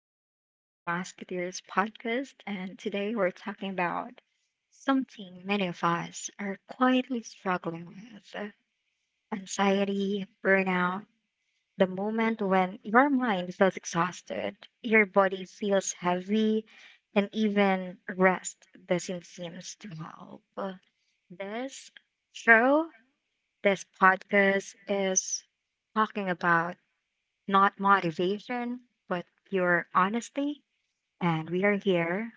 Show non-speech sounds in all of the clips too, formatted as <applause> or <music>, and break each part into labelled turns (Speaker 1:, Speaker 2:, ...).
Speaker 1: to the Three Musketeers podcast. And today we're talking about something many of us are quietly struggling with: anxiety, burnout, the moment when your mind feels exhausted, your body feels heavy, and even rest doesn't seem to help. This show, this podcast is talking about not motivation, but pure honesty. And we are here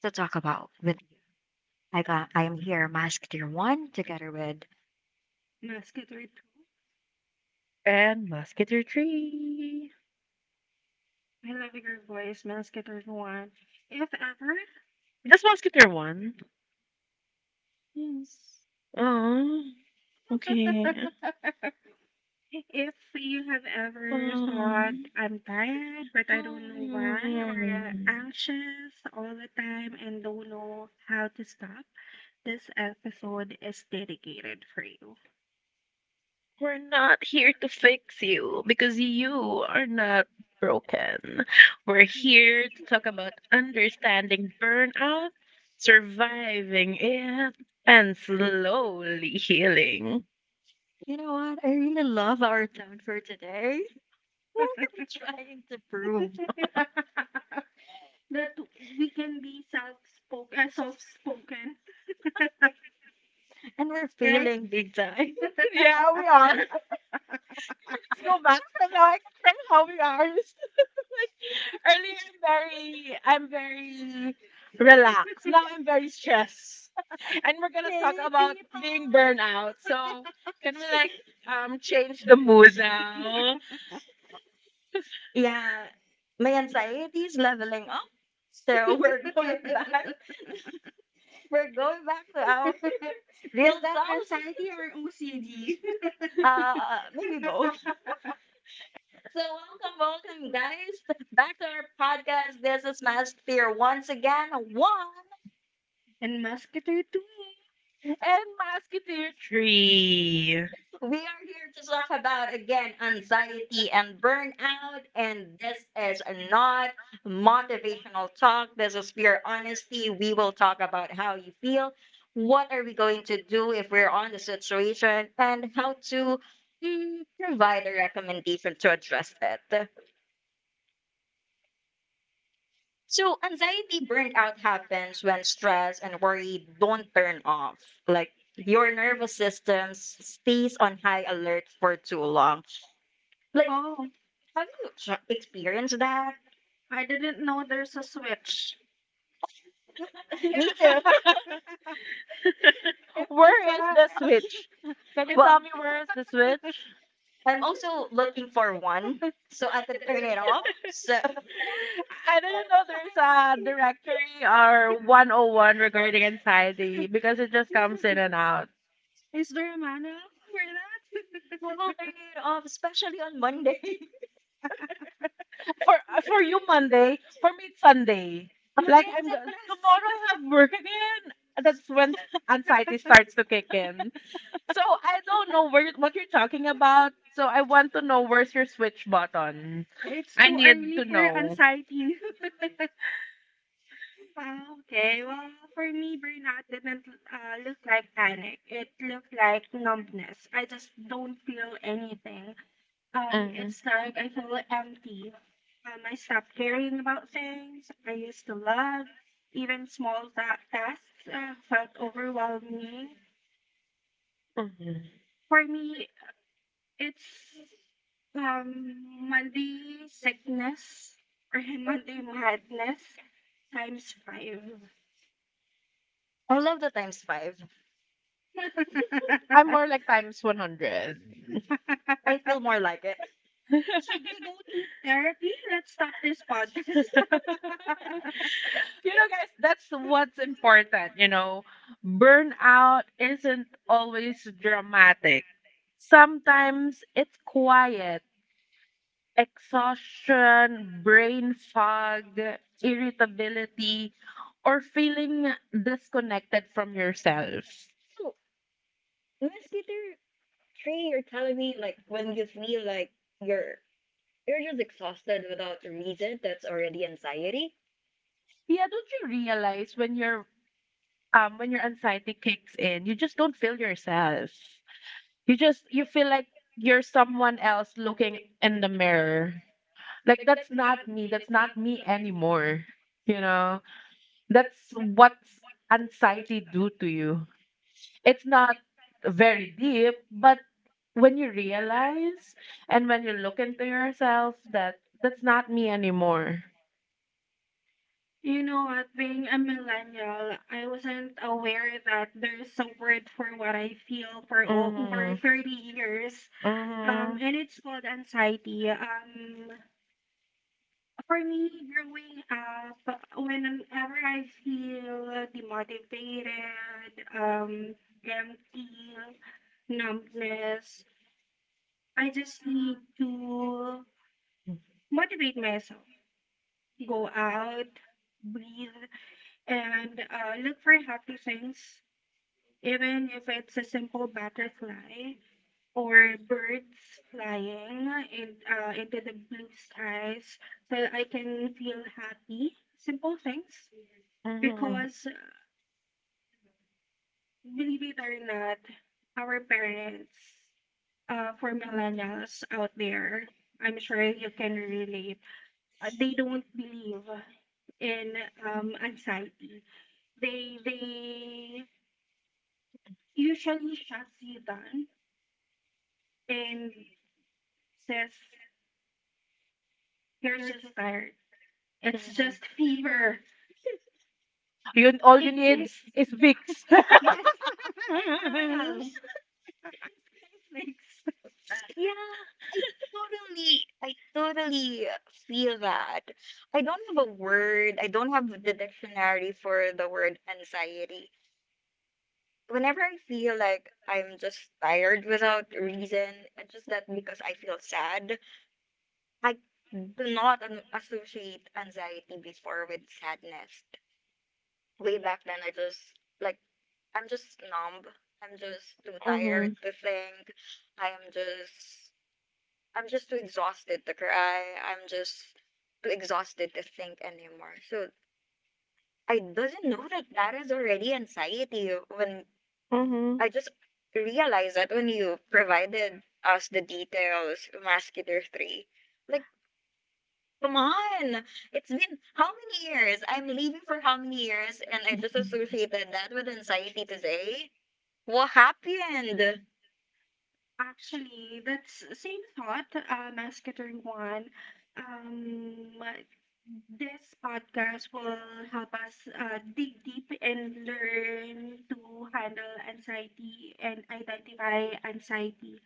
Speaker 1: to talk about with you. I am here, Mask Tier One, together with
Speaker 2: Mescator
Speaker 3: And Musketeer 3.
Speaker 2: 2. I love your voice, Mescator 1. If ever,
Speaker 3: That's Musketeer 1.
Speaker 2: yes.
Speaker 3: Oh, okay.
Speaker 2: <laughs> If you have ever thought,
Speaker 3: Um,
Speaker 2: "I'm tired but I don't know why," or
Speaker 3: mm,
Speaker 2: anxious all the time and don't know how to stop, this episode is dedicated for you.
Speaker 3: we're not here to fix you because you are not broken. We're here to talk about understanding burnout, surviving it, and slowly healing.
Speaker 1: you know what? I really love our town for today. <laughs> What are we
Speaker 2: <laughs>
Speaker 1: trying to prove?
Speaker 2: That
Speaker 3: <laughs>
Speaker 2: we can be self-spoken, soft-spoken. <laughs>
Speaker 1: And we're
Speaker 2: Right?
Speaker 1: failing big time. <laughs>
Speaker 3: Yeah, we are.
Speaker 2: <laughs>
Speaker 3: Go back from like from how we are. Earlier, I'm very relaxed. Now I'm very stressed, and we're gonna talk
Speaker 2: Hey
Speaker 3: about
Speaker 2: people!
Speaker 3: being burnout. So
Speaker 2: <laughs>
Speaker 3: can we like change the mood now?
Speaker 1: Yeah, my anxiety is leveling up.
Speaker 3: So
Speaker 1: So <laughs> we're going
Speaker 3: we're going back.
Speaker 1: back. We're going back to our
Speaker 2: <laughs>
Speaker 1: real
Speaker 2: Is
Speaker 3: <laughs>
Speaker 2: that
Speaker 1: selves.
Speaker 2: anxiety or OCD?
Speaker 1: Uh, Maybe both.
Speaker 2: <laughs>
Speaker 1: So, welcome, welcome, guys, back to our podcast. This is Mask Fear once again. One,
Speaker 2: And Musketeer too.
Speaker 3: And Musketeer tree. <laughs>
Speaker 1: we are here to talk about again anxiety and burnout, and this is not motivational talk. This is pure honesty. We will talk about how you feel, what are we going to do if we're on the situation, and how to provide a recommendation to address it. So anxiety burnout happens when stress and worry don't turn off. Like your nervous system stays on high alert for too long.
Speaker 2: Like,
Speaker 1: Like,
Speaker 2: oh,
Speaker 1: have you experienced that?
Speaker 2: I didn't know there's a switch. If,
Speaker 1: Me too. <laughs>
Speaker 2: if there's
Speaker 3: Where is the
Speaker 2: a
Speaker 3: switch? Can you
Speaker 2: if,
Speaker 1: Well,
Speaker 3: tell me where is
Speaker 2: <laughs>
Speaker 3: the switch?
Speaker 1: I'm also looking for one so I could turn it off. So <laughs> I
Speaker 2: yeah,
Speaker 3: I didn't know there's a directory or 101 regarding anxiety because it just comes in and out.
Speaker 2: there a manual for that?
Speaker 1: will turn it off,
Speaker 2: <laughs>
Speaker 1: especially on Monday. <laughs>
Speaker 3: For for you Monday, for me it's Sunday. Like tomorrow I
Speaker 2: Manusiplasty. <laughs>
Speaker 3: have
Speaker 2: <laughs>
Speaker 3: work again. That's when anxiety starts to kick in. So I don't know where what you're talking about. So I want to know where's your switch button.
Speaker 2: Mode? It's
Speaker 3: I
Speaker 2: too early
Speaker 3: need
Speaker 2: you
Speaker 3: to
Speaker 2: for don't.
Speaker 3: know.
Speaker 2: Anxiety. <laughs> Ah, okay, well, for me, burnout didn't look like panic. It looked like numbness. I just don't feel anything.
Speaker 3: Mm. It's
Speaker 2: It's
Speaker 3: like
Speaker 2: like
Speaker 3: I
Speaker 2: I
Speaker 3: feel
Speaker 2: feel
Speaker 3: empty.
Speaker 2: empty. I stopped caring about things I used to love. Even small tasks felt overwhelming.
Speaker 3: Mhm.
Speaker 2: For me, It's, um, Monday sickness or <laughs> Monday madness times five.
Speaker 1: I love the times 5.
Speaker 2: <laughs>
Speaker 3: I'm more like times 100.
Speaker 1: I feel more like it.
Speaker 2: Should
Speaker 3: <laughs>
Speaker 2: we go to therapy? Let's stop this podcast. <laughs>
Speaker 3: You know, guys, that's what's important. You know, burnout isn't always dramatic. Sometimes it's quiet, exhaustion, brain fog, irritability, or feeling disconnected from yourself.
Speaker 1: So, Miss Peter Trey, you're telling me like when you feel like you're You're just exhausted without a reason. That's already anxiety.
Speaker 3: Yeah, don't you realize when your anxiety kicks in, you just don't feel yourself. You feel like you're someone else looking in the mirror. Like that's not me. That's not me anymore. You know, that's what anxiety do to you. It's not very deep, but when you realize and when you look into yourself that that's not me anymore.
Speaker 2: You know what? Being a millennial, I wasn't aware
Speaker 3: Mhm.
Speaker 2: that there's a word for what I feel for over 30 years.
Speaker 3: Mhm.
Speaker 2: And it's called anxiety. For me, growing up, whenever I feel demotivated, empty, numbness, I just need to motivate myself. Go out, breathe, and look for happy things, even if it's a simple butterfly or birds flying in, into the blue skies, so I can feel happy. Simple things.
Speaker 3: Mhm.
Speaker 2: Because, believe it or not, our parents, for millennials out there, I'm sure you can relate. They don't believe in, anxiety. They usually shuts you down and says you're just tired. It's
Speaker 3: Mhm.
Speaker 2: just fever.
Speaker 3: You all you
Speaker 2: Take
Speaker 3: need
Speaker 2: this.
Speaker 3: is
Speaker 2: It's
Speaker 3: Vicks.
Speaker 2: <laughs> yes, and royal
Speaker 3: <laughs>
Speaker 2: <laughs> flakes.
Speaker 1: Yeah, I I totally feel that. I don't have the dictionary for the word anxiety. Whenever I feel like I'm just tired without reason, it's just that because I feel sad, I do not associate anxiety before with sadness. Way back then, I just like I'm just numb. I'm just too
Speaker 3: Mhm.
Speaker 1: tired to think. I am just I'm just too exhausted to cry. I'm just too exhausted to think anymore. So I doesn't know that that is already anxiety when
Speaker 3: Mhm.
Speaker 1: I just realized that when you provided us the details, Mascular 3. Like, come on! It's been how many years? I'm leaving for how many years? And I just associated that with anxiety today? What happened?
Speaker 2: Actually, that's same thought, Masketer Juan. Um, this podcast will help us dig deep and learn to handle anxiety and identify anxiety.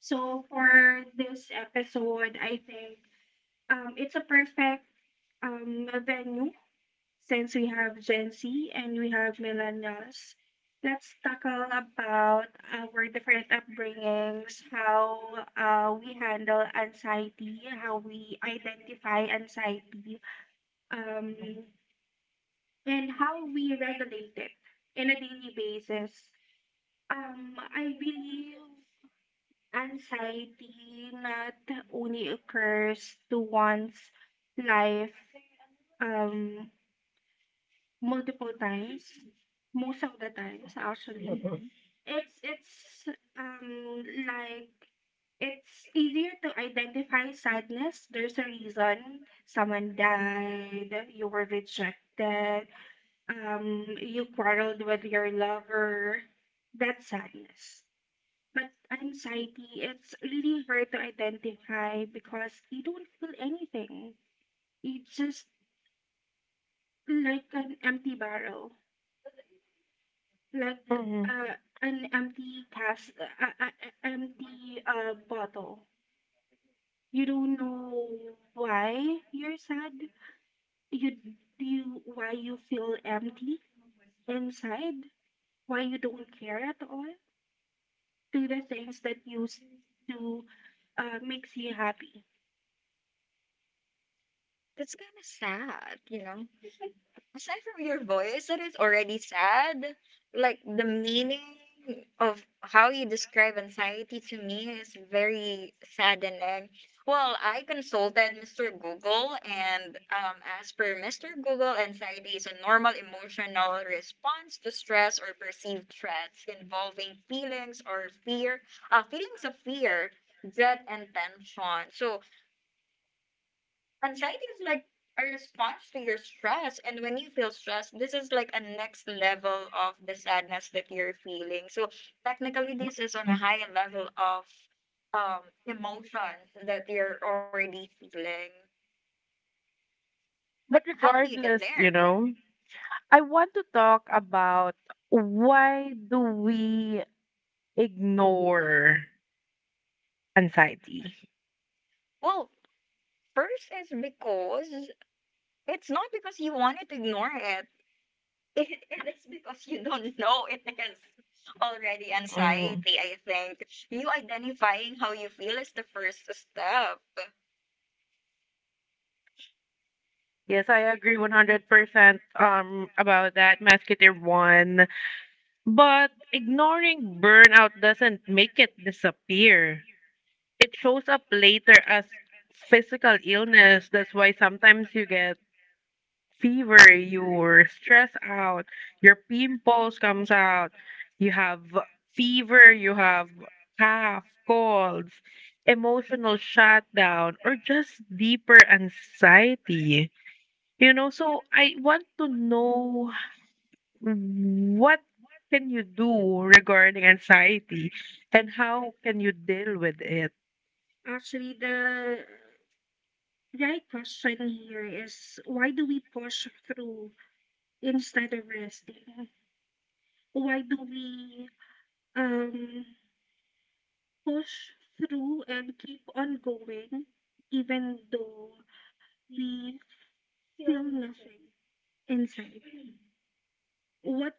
Speaker 2: So for this episode, I think it's a perfect venue. Since we have Gen Z and we have millennials, let's tackle about our different upbringings, how we handle anxiety, how we identify anxiety, um, and how we regulate it in a daily basis. I believe anxiety not only occurs to one's life. Um, Multiple times, most of the times actually. It's um like it's easier to identify sadness. There's a reason: someone died, you were rejected, you quarreled with your lover. That's sadness. But anxiety, it's really hard to identify because you don't feel anything. It's just like an empty barrel. Like
Speaker 3: Mhm.
Speaker 2: uh, an empty cast. Empty bottle. You don't know why you're sad. You you why you feel empty inside. Why you don't care at all to the things that used to makes you happy.
Speaker 1: That's kind of sad, you know? Aside from your voice, that is already sad. Like the meaning of how you describe anxiety to me is very saddening. Well, I consulted Mr. Google, and as per Mr. Google, anxiety is a normal emotional response to stress or perceived threats involving feelings or fear, feelings of fear, dread, and tension. So, anxiety is like a response to your stress. And when you feel stressed, this is like a next level of the sadness that you're feeling. So technically, this is on a higher level of emotions that you're already feeling. But
Speaker 3: But
Speaker 1: how do you get
Speaker 3: regardless, you
Speaker 1: there?
Speaker 3: know, I want to talk about why do we ignore anxiety?
Speaker 1: Well, first is because it's not because you wanted to ignore it. <laughs> It is because you don't know it is already
Speaker 3: Mhm.
Speaker 1: anxiety, I think. You identifying how you feel is the first step.
Speaker 3: Yes, I agree 100% about that, Masketeer 1. But ignoring burnout doesn't make it disappear. It shows up later as physical illness. That's why sometimes you get fever, you're stressed out, your pimples comes out, you have fever, you have cough, colds, emotional shutdown, or just deeper anxiety. You know, so I want to know what can you do regarding anxiety and how can you deal with it?
Speaker 2: Actually, the right question here is, why do we push through instead of resting? Why do we um push through and keep on going even though we feel nothing inside? What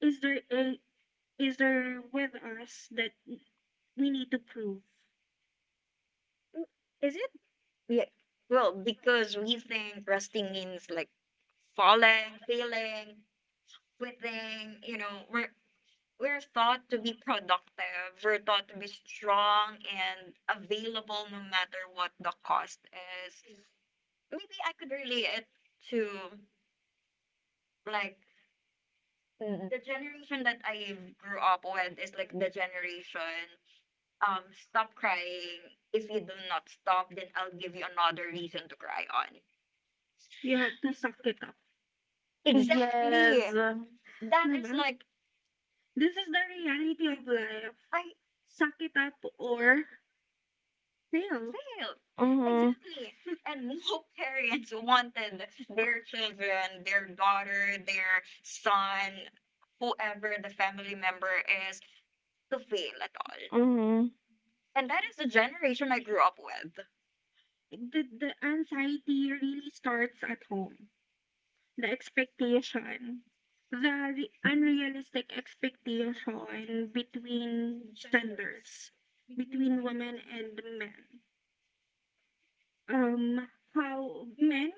Speaker 2: is there a, is there with us that we need to prove?
Speaker 1: Mm, Is it? Yeah. Well, because we think resting means like falling, failing, quitting, you know, we're thought to be productive, we're thought to be strong and available no matter what the cost is. Maybe I could relate it to like the generation that I grew up with is like the generation um stop crying. If you do not stop, then I'll give you another reason to cry on.
Speaker 2: We have to suck it up,
Speaker 1: Exactly.
Speaker 3: Yes.
Speaker 1: That
Speaker 2: diba?
Speaker 1: is like
Speaker 2: This is the reality of
Speaker 1: I
Speaker 2: life. Suck it up or fail.
Speaker 1: failed
Speaker 3: Mhm.
Speaker 1: exactly, and more <laughs> parents wanted their children, their daughter, their son, whoever the family member is, to fail at all.
Speaker 3: Mhm.
Speaker 1: And that is the generation I grew up with.
Speaker 2: The anxiety really starts at home, the expectation, the unrealistic expectation between genders, between women and men. Um, how men,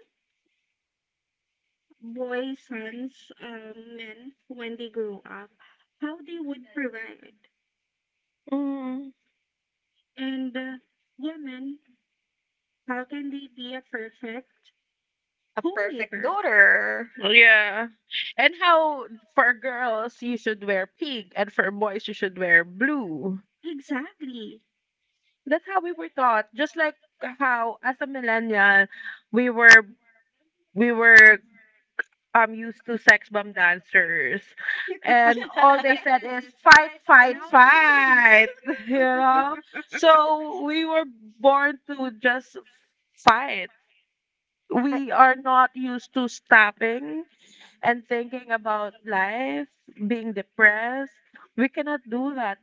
Speaker 2: boys, sons, men, when they grow up, how they would provide.
Speaker 3: Mhm.
Speaker 2: And women, how can they be a perfect
Speaker 1: A perfect
Speaker 2: homemaker?
Speaker 1: daughter.
Speaker 3: Yeah. And how for girls you should wear pink and for boys you should wear blue.
Speaker 2: Exactly. <laughs>
Speaker 3: That's how we were taught. Just like how as a millennial we were we were used to sex bomb dancers, and all they
Speaker 1: <laughs>
Speaker 3: said is fight, fight,
Speaker 2: Now
Speaker 3: fight. <laughs> You
Speaker 2: please.
Speaker 3: know,
Speaker 2: <laughs>
Speaker 3: so we were born to just fight. We are not used to stopping and thinking about life, being depressed. We cannot do that.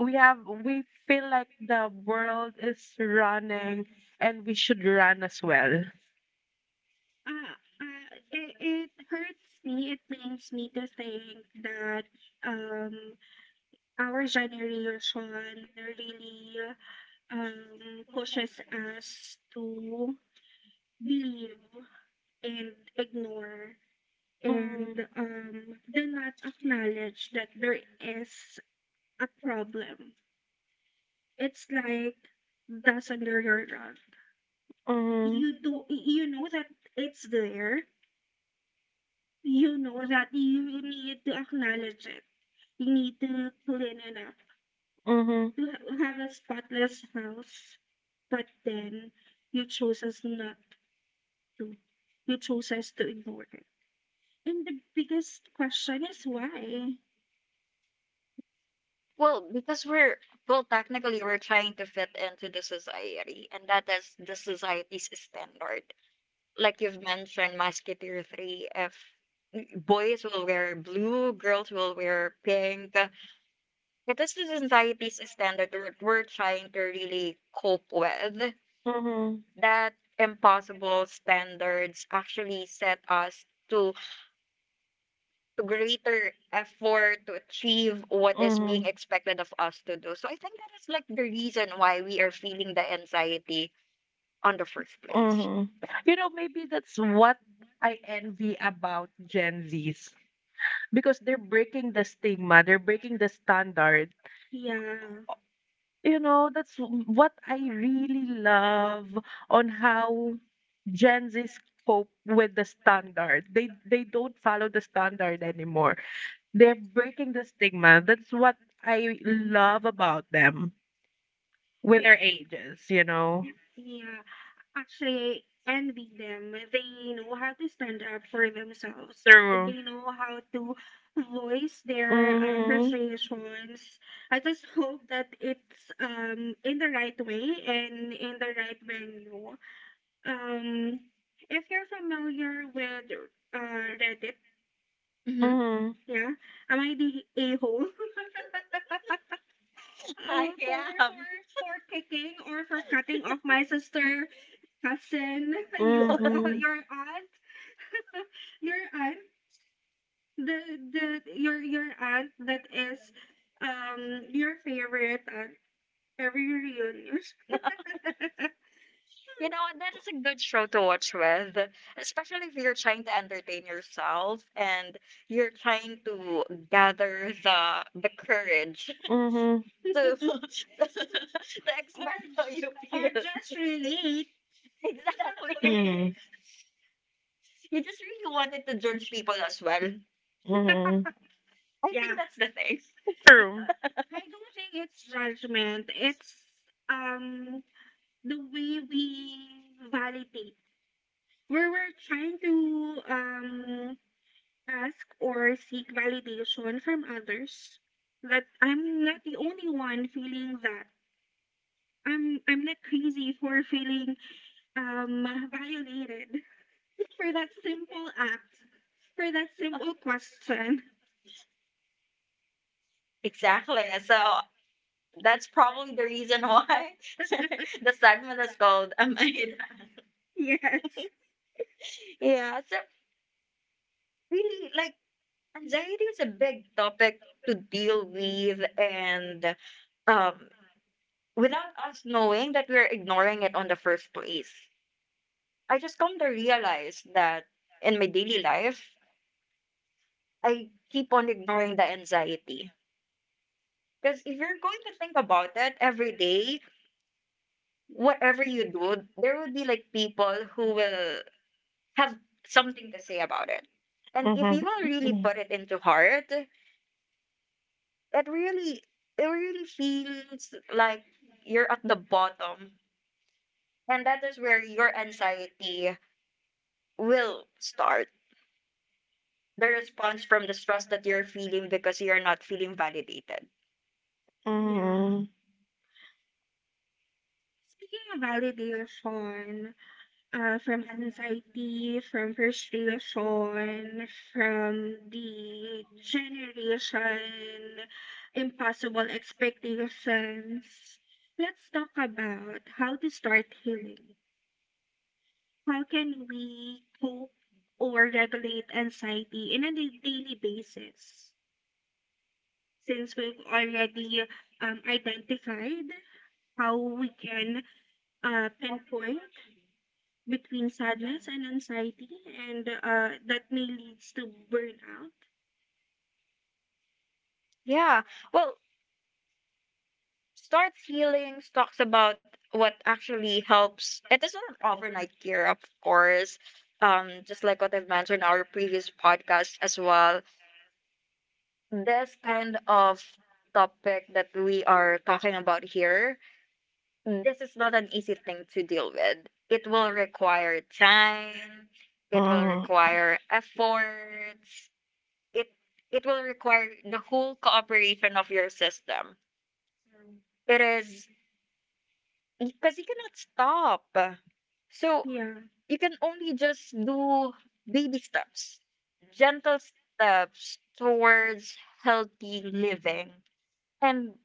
Speaker 3: We feel like the world is running and we should run as well.
Speaker 2: It, hurts me. It pains me to think that um, our generation really pushes us to believe and ignore
Speaker 3: Mm-hmm,
Speaker 2: and do not acknowledge that there is a problem. It's like dust under your rug.
Speaker 3: mm-hmm,
Speaker 2: You know that it's there, you know that you need to acknowledge it. You need to clean it up
Speaker 3: mm-hmm.
Speaker 2: to have a spotless house. But then you chose us not to. You chose us to ignore it. And the biggest question is, why?
Speaker 1: Well, because we're well, technically we're trying to fit into the society, and that is the society's standard. Like you've mentioned, Musketeer 3, if boys will wear blue, girls will wear pink, it is the society's standard that we're trying to really cope with.
Speaker 3: Mm-hmm.
Speaker 1: That impossible standards actually set us to greater effort to achieve what is
Speaker 3: Mm-hmm.
Speaker 1: being expected of us to do. So I think that is like the reason why we are feeling the anxiety on the first place.
Speaker 3: Mm-hmm. You know, maybe that's what I envy about Gen Zs because they're breaking the stigma, they're breaking the standard.
Speaker 2: Yeah.
Speaker 3: You know, that's what I really love on how Gen Zs cope with the standard. They don't follow the standard anymore. They're breaking the stigma. That's what I love about them with their ages, you know.
Speaker 2: Yeah, actually envy them. They know how to stand up for themselves.
Speaker 3: Through.
Speaker 2: They know how to voice their
Speaker 3: Mm-hmm.
Speaker 2: frustrations. I just hope that it's in the right way and in the right venue. Um, if you're familiar with Reddit,
Speaker 3: Mm-hmm.
Speaker 2: yeah, am I the a hole? <laughs> Uh,
Speaker 1: <laughs>
Speaker 2: for
Speaker 1: Yeah.
Speaker 2: for for kicking or for cutting off my sister, cousin, <laughs> you,
Speaker 3: Mhm.
Speaker 2: your aunt. Your aunt, the the your aunt that is your favorite aunt every reunion, <laughs> or
Speaker 1: You know, that is a good show to watch with, especially if you're trying to entertain yourself and you're trying to gather the courage
Speaker 3: Mhm.
Speaker 1: <laughs> to, <laughs> to express how you
Speaker 2: or
Speaker 1: feel.
Speaker 2: just relate.
Speaker 1: <laughs> Exactly.
Speaker 3: Mhm.
Speaker 2: <laughs>
Speaker 1: You just really wanted to judge people as well.
Speaker 3: Mhm.
Speaker 1: I
Speaker 2: Yeah.
Speaker 1: think that's the thing.
Speaker 3: True.
Speaker 2: I don't think it's judgment. It's um the way we validate. Where we're trying to ask or seek validation from others, that I'm not the only one feeling that, I'm not crazy for feeling um violated for that simple act, for that simple question. <laughs>
Speaker 1: Exactly. So that's probably the reason why <laughs> the segment is called <laughs> Amida.
Speaker 2: Yes.
Speaker 1: Yeah. So really, like anxiety is a big topic to deal with and um, without us knowing that we're ignoring it on the first place. I just come to realize that in my daily life, I keep on ignoring the anxiety. Because if you're going to think about it every day, whatever you do, there will be like people who will have something to say about it. And if
Speaker 3: Mhm.
Speaker 1: you will really
Speaker 3: Mhm.
Speaker 1: put it into heart, really it really feels like you're at the bottom. And that is where your anxiety will start the response from the stress that you're feeling because you're not feeling validated.
Speaker 2: Yeah.
Speaker 3: Mhm.
Speaker 2: Speaking of validation, from anxiety, from frustration, from the generation, impossible expectations, let's talk about how to start healing. How can we cope or regulate anxiety in a daily basis? Since we've already identified how we can pinpoint between sadness and anxiety, and that may leads to burnout.
Speaker 1: Yeah. Well, starts healings talks about what actually helps. It is not an overnight cure, of course. Just like what I've mentioned in our previous podcast as well. This kind of topic that we are talking about here, this is not an easy thing to deal with. It will require time, it will
Speaker 3: Mhm.
Speaker 1: require efforts it it will require the whole cooperation of your system. It is because you cannot stop. So
Speaker 2: Yeah.
Speaker 1: you can only just do baby steps, gentle steps towards healthy living. And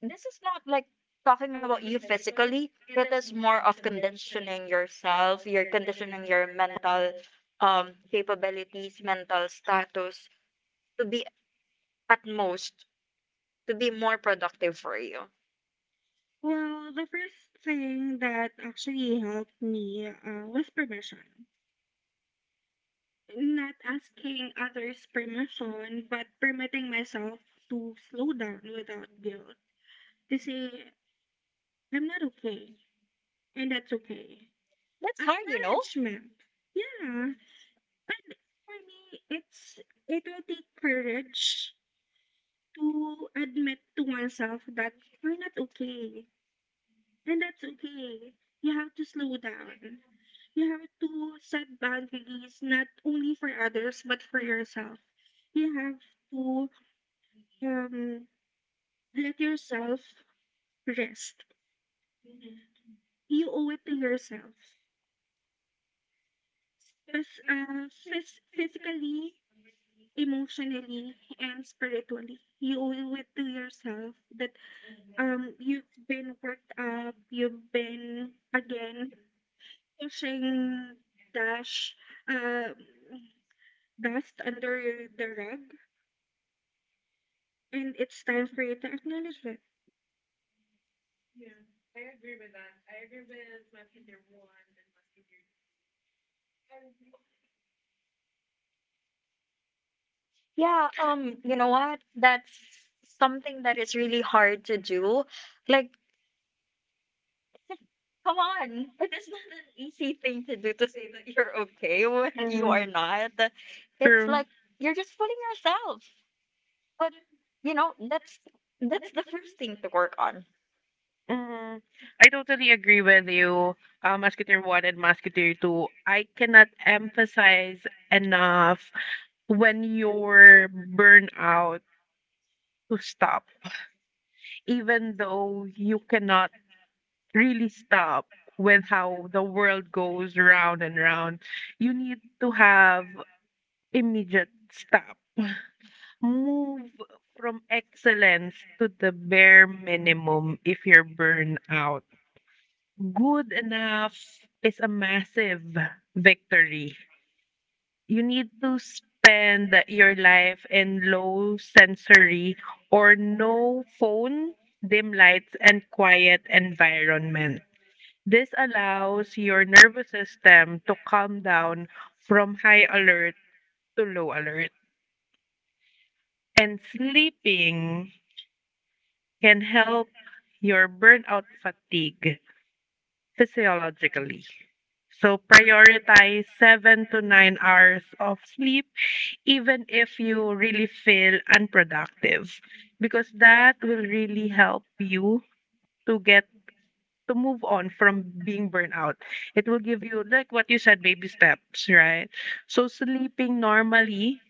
Speaker 1: this is not like talking about you physically, it is more of conditioning yourself, you're conditioning your mental capabilities, mental status to be at most to be more productive for you.
Speaker 2: Well, the first thing that actually helped me was permission. Not asking others' permission, but permitting myself to slow down without guilt, to say, "I'm not okay, and that's okay."
Speaker 1: That's hard.
Speaker 2: Acknowledgement. Yeah. And for me, it's it will take courage to admit to oneself that we're not okay, and that's okay. You have to slow down. You have to set boundaries, not only for others but for yourself. You have to um let yourself rest. You owe it to yourself. Physically, emotionally, and spiritually. You owe it to yourself that you've been worked up, you've been, again, pushing dash uh, dust under the rug, and it's time for you to acknowledge it.
Speaker 1: Yeah, you know what? That's something that is really hard to do. Like, come on. It is not an easy thing to do to say that you're okay when you are
Speaker 3: Mhm.
Speaker 1: not. It's like
Speaker 3: True.
Speaker 1: you're just fooling yourself. But you know, that's the first thing to work on.
Speaker 3: Mhm. I totally agree with you. Musketeer 1 and Musketeer 2. I cannot emphasize enough when you're burnout to stop, even though you cannot really stop with how the world goes round and round. You need to have immediate stop. Move from excellence to the bare minimum if you're burned out. Good enough is a massive victory. You need to spend your life in low sensory or no phone, dim lights, and quiet environment. This allows your nervous system to calm down from high alert to low alert. And sleeping can help your burnout fatigue physiologically. So prioritize 7 to 9 hours of sleep even if you really feel unproductive because that will really help you to get to move on from being burned out. It will give you, like what you said, baby steps, right? So sleeping normally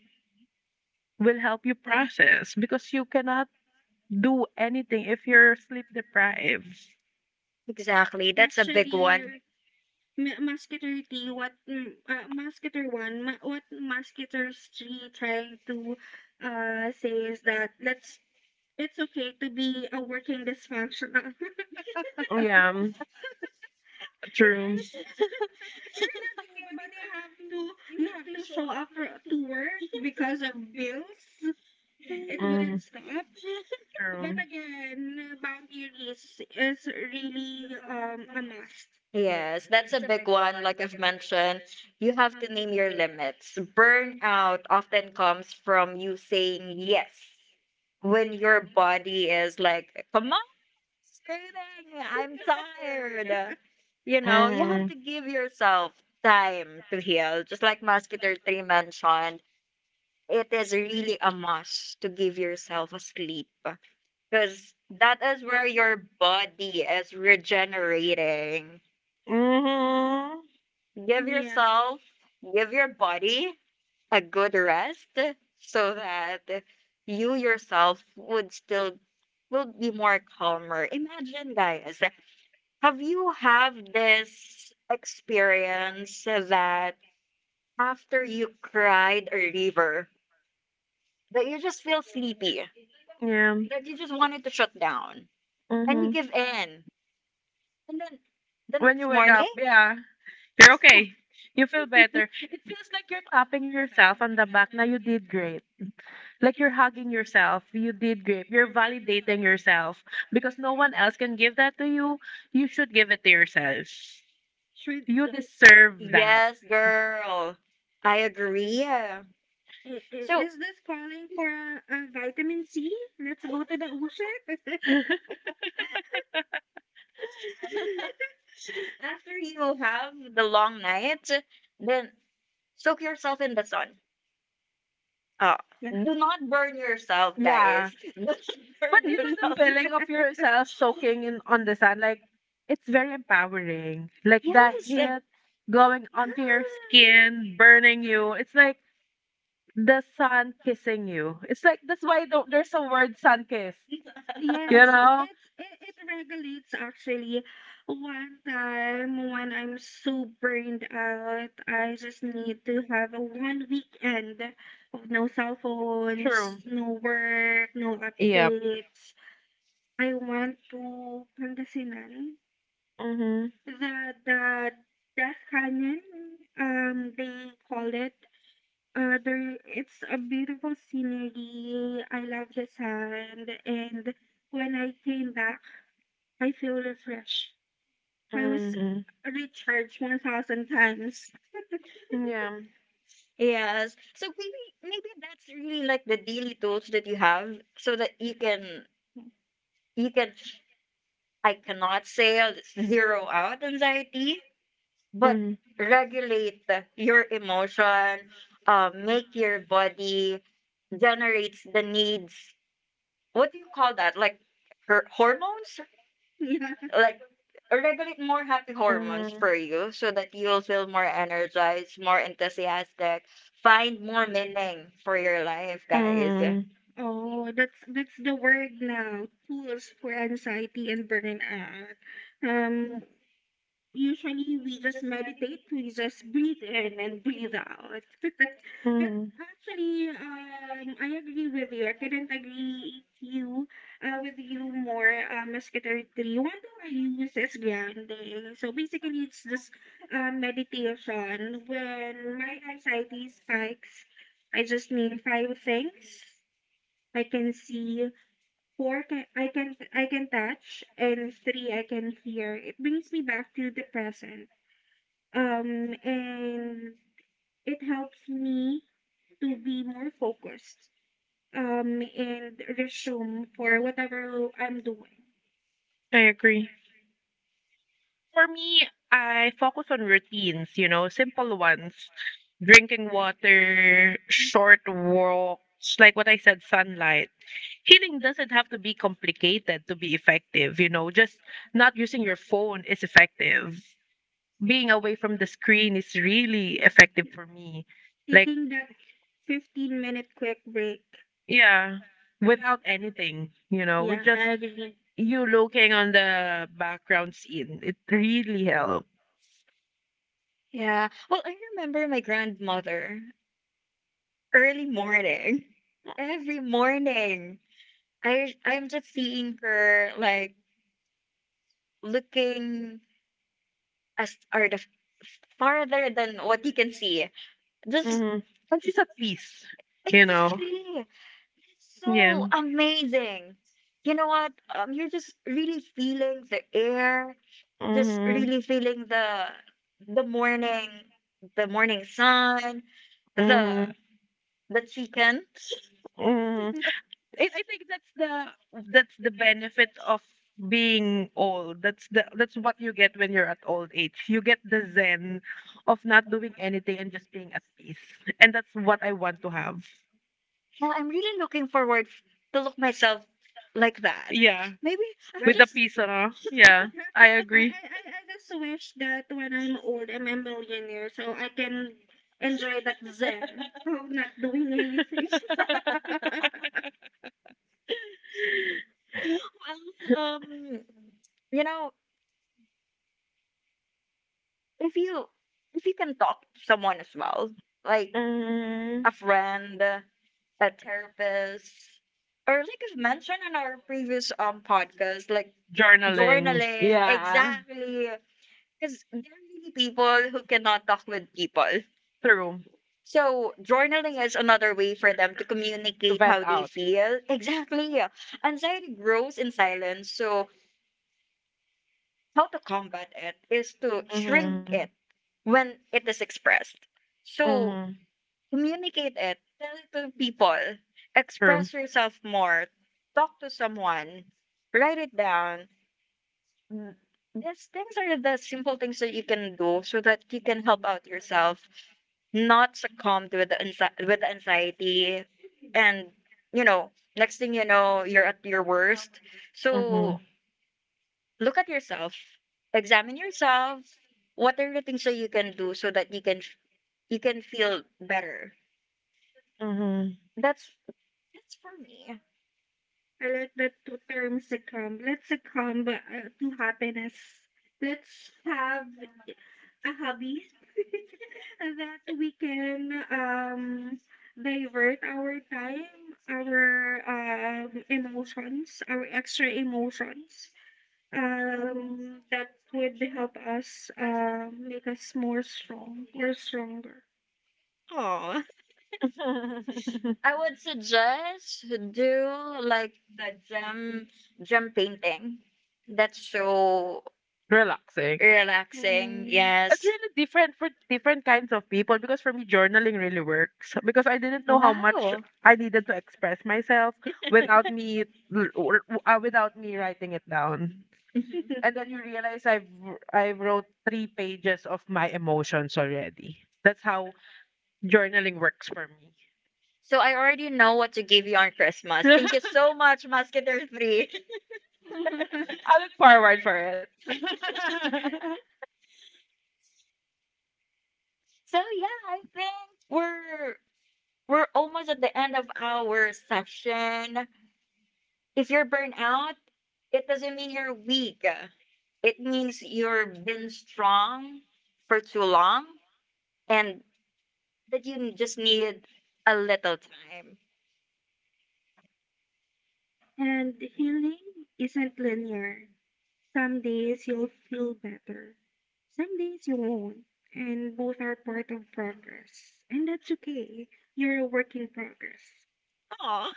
Speaker 3: will help you process because you cannot do anything if you're sleep deprived.
Speaker 1: Exactly. That's one.
Speaker 2: Actually, Ma Musketeer 3, what Musketeer 1, ma what Musketeers 3 trying to, say is that let's it's okay to be a working
Speaker 3: <laughs>
Speaker 2: dysfunctional. <laughs>
Speaker 3: Yeah, mm, true.
Speaker 2: It's you're not okay, but you have to show up for to work because of bills. It
Speaker 3: Mm,
Speaker 2: wouldn't stop. But
Speaker 3: true.
Speaker 2: again, boundaries is really, a must.
Speaker 1: Yes, that's a big one. Like I've mentioned, you have to name your limits. Burnout often comes from you saying yes when your body is like, come on, screaming, I'm tired. You know, you have
Speaker 3: Mm,
Speaker 1: to give yourself time to heal. Just like Musketeer 3 mentioned, it is really a must to give yourself a sleep because that is where your body is regenerating.
Speaker 3: mm-hmm.
Speaker 1: Give
Speaker 2: Yeah.
Speaker 1: yourself, give your body a good rest so that you yourself would still will be more calmer. Imagine, guys, have you have this experience that after you cried a river, that you just feel sleepy,
Speaker 3: Yeah.
Speaker 1: that you just wanted to shut down, and you
Speaker 3: Mm-hmm.
Speaker 1: give in, and then the
Speaker 3: When you
Speaker 1: next,
Speaker 3: wake up, yeah, you're okay. You feel better. It feels like
Speaker 2: <laughs>
Speaker 3: you're tapping yourself on the back. Now you did great. Like you're hugging yourself. You did great. You're validating yourself because no one else can give that to you. You should give it to yourself.
Speaker 2: Should you
Speaker 3: You
Speaker 2: dis-
Speaker 3: deserve that.
Speaker 1: yes, girl, I agree.
Speaker 2: is
Speaker 1: So
Speaker 2: this calling for a vitamin C? Let's go to the ocean. <laughs>
Speaker 1: after you have the long night, then soak yourself in the sun. Uh,
Speaker 2: Yeah.
Speaker 1: do not burn yourself, guys.
Speaker 3: Yeah,
Speaker 1: <laughs> Do not
Speaker 3: but
Speaker 1: burn.
Speaker 3: you know the feeling of yourself soaking in on the sun, like it's very empowering. Like the
Speaker 1: Yes,
Speaker 3: heat going onto your skin
Speaker 2: Yeah.
Speaker 3: burning you, it's like the sun kissing you. It's like that's why the, there's a word sun kiss,
Speaker 2: You,
Speaker 3: you
Speaker 2: yes,
Speaker 3: know.
Speaker 2: it regulates actually. One time when I'm so burned out, I just need to have a one weekend of no cell
Speaker 3: True.
Speaker 2: phones, no work, no, yeah,
Speaker 3: Yeah.
Speaker 2: updates. I went to Pangasinan, the Death Canyon, they call it. There, it's a beautiful scenery. I love the sand, and when I came back, I feel refreshed. I was
Speaker 3: Mm-hmm.
Speaker 2: recharged 1,000 times.
Speaker 3: Yeah.
Speaker 1: yes. So maybe that's really like the daily tools that you have, so that you can
Speaker 2: <laughs>
Speaker 1: you can. I cannot say I'll zero out anxiety, but
Speaker 3: Mm-hmm.
Speaker 1: regulate your emotion. Make your body generates the needs. What do you call that? Like hormones?
Speaker 2: Yeah.
Speaker 1: Like, regulate more happy hormones
Speaker 3: Mm-hmm.
Speaker 1: for you so that you'll feel more energized, more enthusiastic, find more meaning for your life, guys.
Speaker 3: Mm-hmm.
Speaker 2: Oh, that's the word now. Tools for anxiety and burnout. Um, Usually we just meditate, we just breathe in and breathe out. <laughs> But
Speaker 3: Mm-hmm.
Speaker 2: actually, I agree with you. I couldn't agree you with you more, Miss Katertri. One thing I use is grounding. So basically, it's just meditation. When my anxiety spikes, I just need five things I can see, I can touch, and three I can hear. It brings me back to the present, and it helps me to be more focused, and resume for whatever I'm doing.
Speaker 3: I agree. For me, I focus on routines, you know, simple ones. Drinking water, short walks, like what I said, sunlight. Healing doesn't have to be complicated to be effective, you know, just not using your phone is effective. Being away from the screen is really effective for me. Like
Speaker 2: Taking that 15-minute quick break.
Speaker 3: yeah, without anything, you know, with
Speaker 2: Yeah, I
Speaker 3: just
Speaker 2: agree.
Speaker 3: you looking on the background scene, it really helped.
Speaker 1: Yeah. Well, I remember my grandmother early morning. <laughs> Every morning, I'm just seeing her like looking as or farther than what you can see. Just
Speaker 3: Mm-hmm. And she's at peace,
Speaker 1: <laughs>
Speaker 3: you know.
Speaker 1: exactly.
Speaker 3: Yeah.
Speaker 1: So amazing. You know what? You're just really feeling the air, just
Speaker 3: Mm-hmm.
Speaker 1: really feeling the morning, the morning sun, the
Speaker 3: Mm-hmm.
Speaker 1: the chicken.
Speaker 3: Mm-hmm.
Speaker 2: <laughs>
Speaker 3: I think that's the benefit of being old. That's what you get when you're at old age. You get the zen of not doing anything and just being at peace. And that's what I want to have.
Speaker 1: Yeah, I'm really looking forward to look myself like that.
Speaker 3: Yeah.
Speaker 1: Maybe I'm
Speaker 2: I, I,
Speaker 3: With the
Speaker 1: just,
Speaker 3: peace, you know? Yeah. I agree.
Speaker 2: I just wish that when I'm old, I'm a millionaire so I can enjoy that zen of not doing anything. <laughs>
Speaker 1: you know, if you if you can talk to someone as well, like
Speaker 3: Mm,
Speaker 1: a friend, a therapist, or like I've mentioned in our previous podcast, like
Speaker 3: journaling.
Speaker 1: journaling,
Speaker 3: Yeah.
Speaker 1: exactly, because there are really people who cannot talk with people.
Speaker 3: True.
Speaker 1: So, journaling is another way for them to
Speaker 3: To
Speaker 1: communicate
Speaker 3: vent
Speaker 1: how they
Speaker 3: out.
Speaker 1: feel. Exactly. Anxiety grows in silence, so how to combat it is to shrink
Speaker 3: Mm-hmm.
Speaker 1: it when it is expressed. So,
Speaker 3: Mm-hmm.
Speaker 1: communicate it, talk to people,
Speaker 3: True.
Speaker 1: express yourself more, talk to someone, write it down, these things are the simple things that you can do so that you can help out yourself, not succumb with the with the anxiety, and you know, next thing you know, you're at your worst.
Speaker 3: Mm-hmm.
Speaker 1: So look at yourself, examine yourself. What are the things that you can do so that you can you can feel better?
Speaker 3: Mm-hmm.
Speaker 1: That's for me.
Speaker 2: I like that to term succumb. Let's succumb to happiness. Let's have a hobby that we can divert our time, our emotions, our extra emotions. That would help us make us more strong or stronger.
Speaker 1: Oh,
Speaker 3: <laughs>
Speaker 1: I would suggest do like the gem painting. That's so
Speaker 3: Relaxing.
Speaker 1: relaxing,
Speaker 3: It's
Speaker 1: yes.
Speaker 3: really different for different kinds of people because for me, journaling really works because I didn't know how much I needed to express myself without me writing it down.
Speaker 1: Mhm.
Speaker 3: And
Speaker 2: Mm.
Speaker 3: then you realize I wrote three pages of my emotions already. That's how journaling works for me.
Speaker 1: So I already know what to give you on Christmas. Thank you
Speaker 3: <laughs>
Speaker 1: so much, Musketeer 3. <laughs>
Speaker 2: <laughs>
Speaker 3: I look forward for it. <laughs>
Speaker 1: So yeah, I think we're almost at the end of our session. If you're burnt out, it doesn't mean you're weak. It means you've been strong for too long and that you just need a little time.
Speaker 2: And healing isn't linear. Some days you'll feel better, some days you won't, and both are part of progress. And that's okay. You're a work in progress.
Speaker 1: Aw.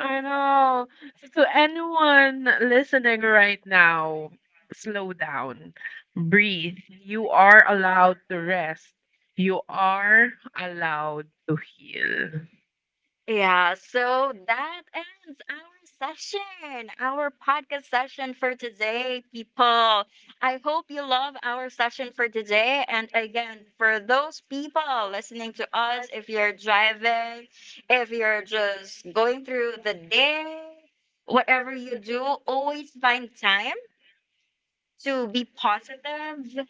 Speaker 3: I know. So to anyone listening right now, slow down, breathe. You are allowed to rest. You are allowed to heal.
Speaker 1: Yeah, so that ends our session, our podcast session for today, people. I hope you love our session for today. And again, for those people listening to us, if you're driving, if you're just going through the day, whatever you do, always find time to be positive,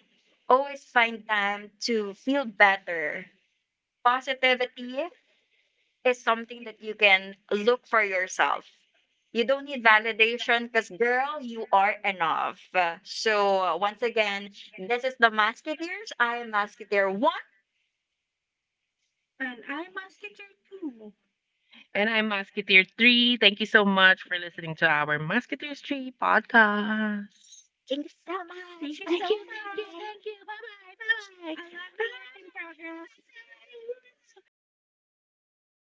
Speaker 1: always find time to feel better. Positivity is something that you can look for yourself. You don't need validation because, girl, you are enough. So, once again, this is the Masketeers. I am Masketeer 1.
Speaker 2: And I'm a sketcher too.
Speaker 3: And I'm Musketeer 3. Thank you so much for listening to our Musketeers 3 podcast.
Speaker 1: Thank you so
Speaker 2: Thank
Speaker 1: much.
Speaker 2: you
Speaker 1: Bye
Speaker 2: so
Speaker 3: Thank
Speaker 2: much.
Speaker 3: you, thank you,
Speaker 1: bye.
Speaker 3: thank you. Bye bye, bye bye.
Speaker 2: I love your work in
Speaker 3: Bye.
Speaker 2: progress.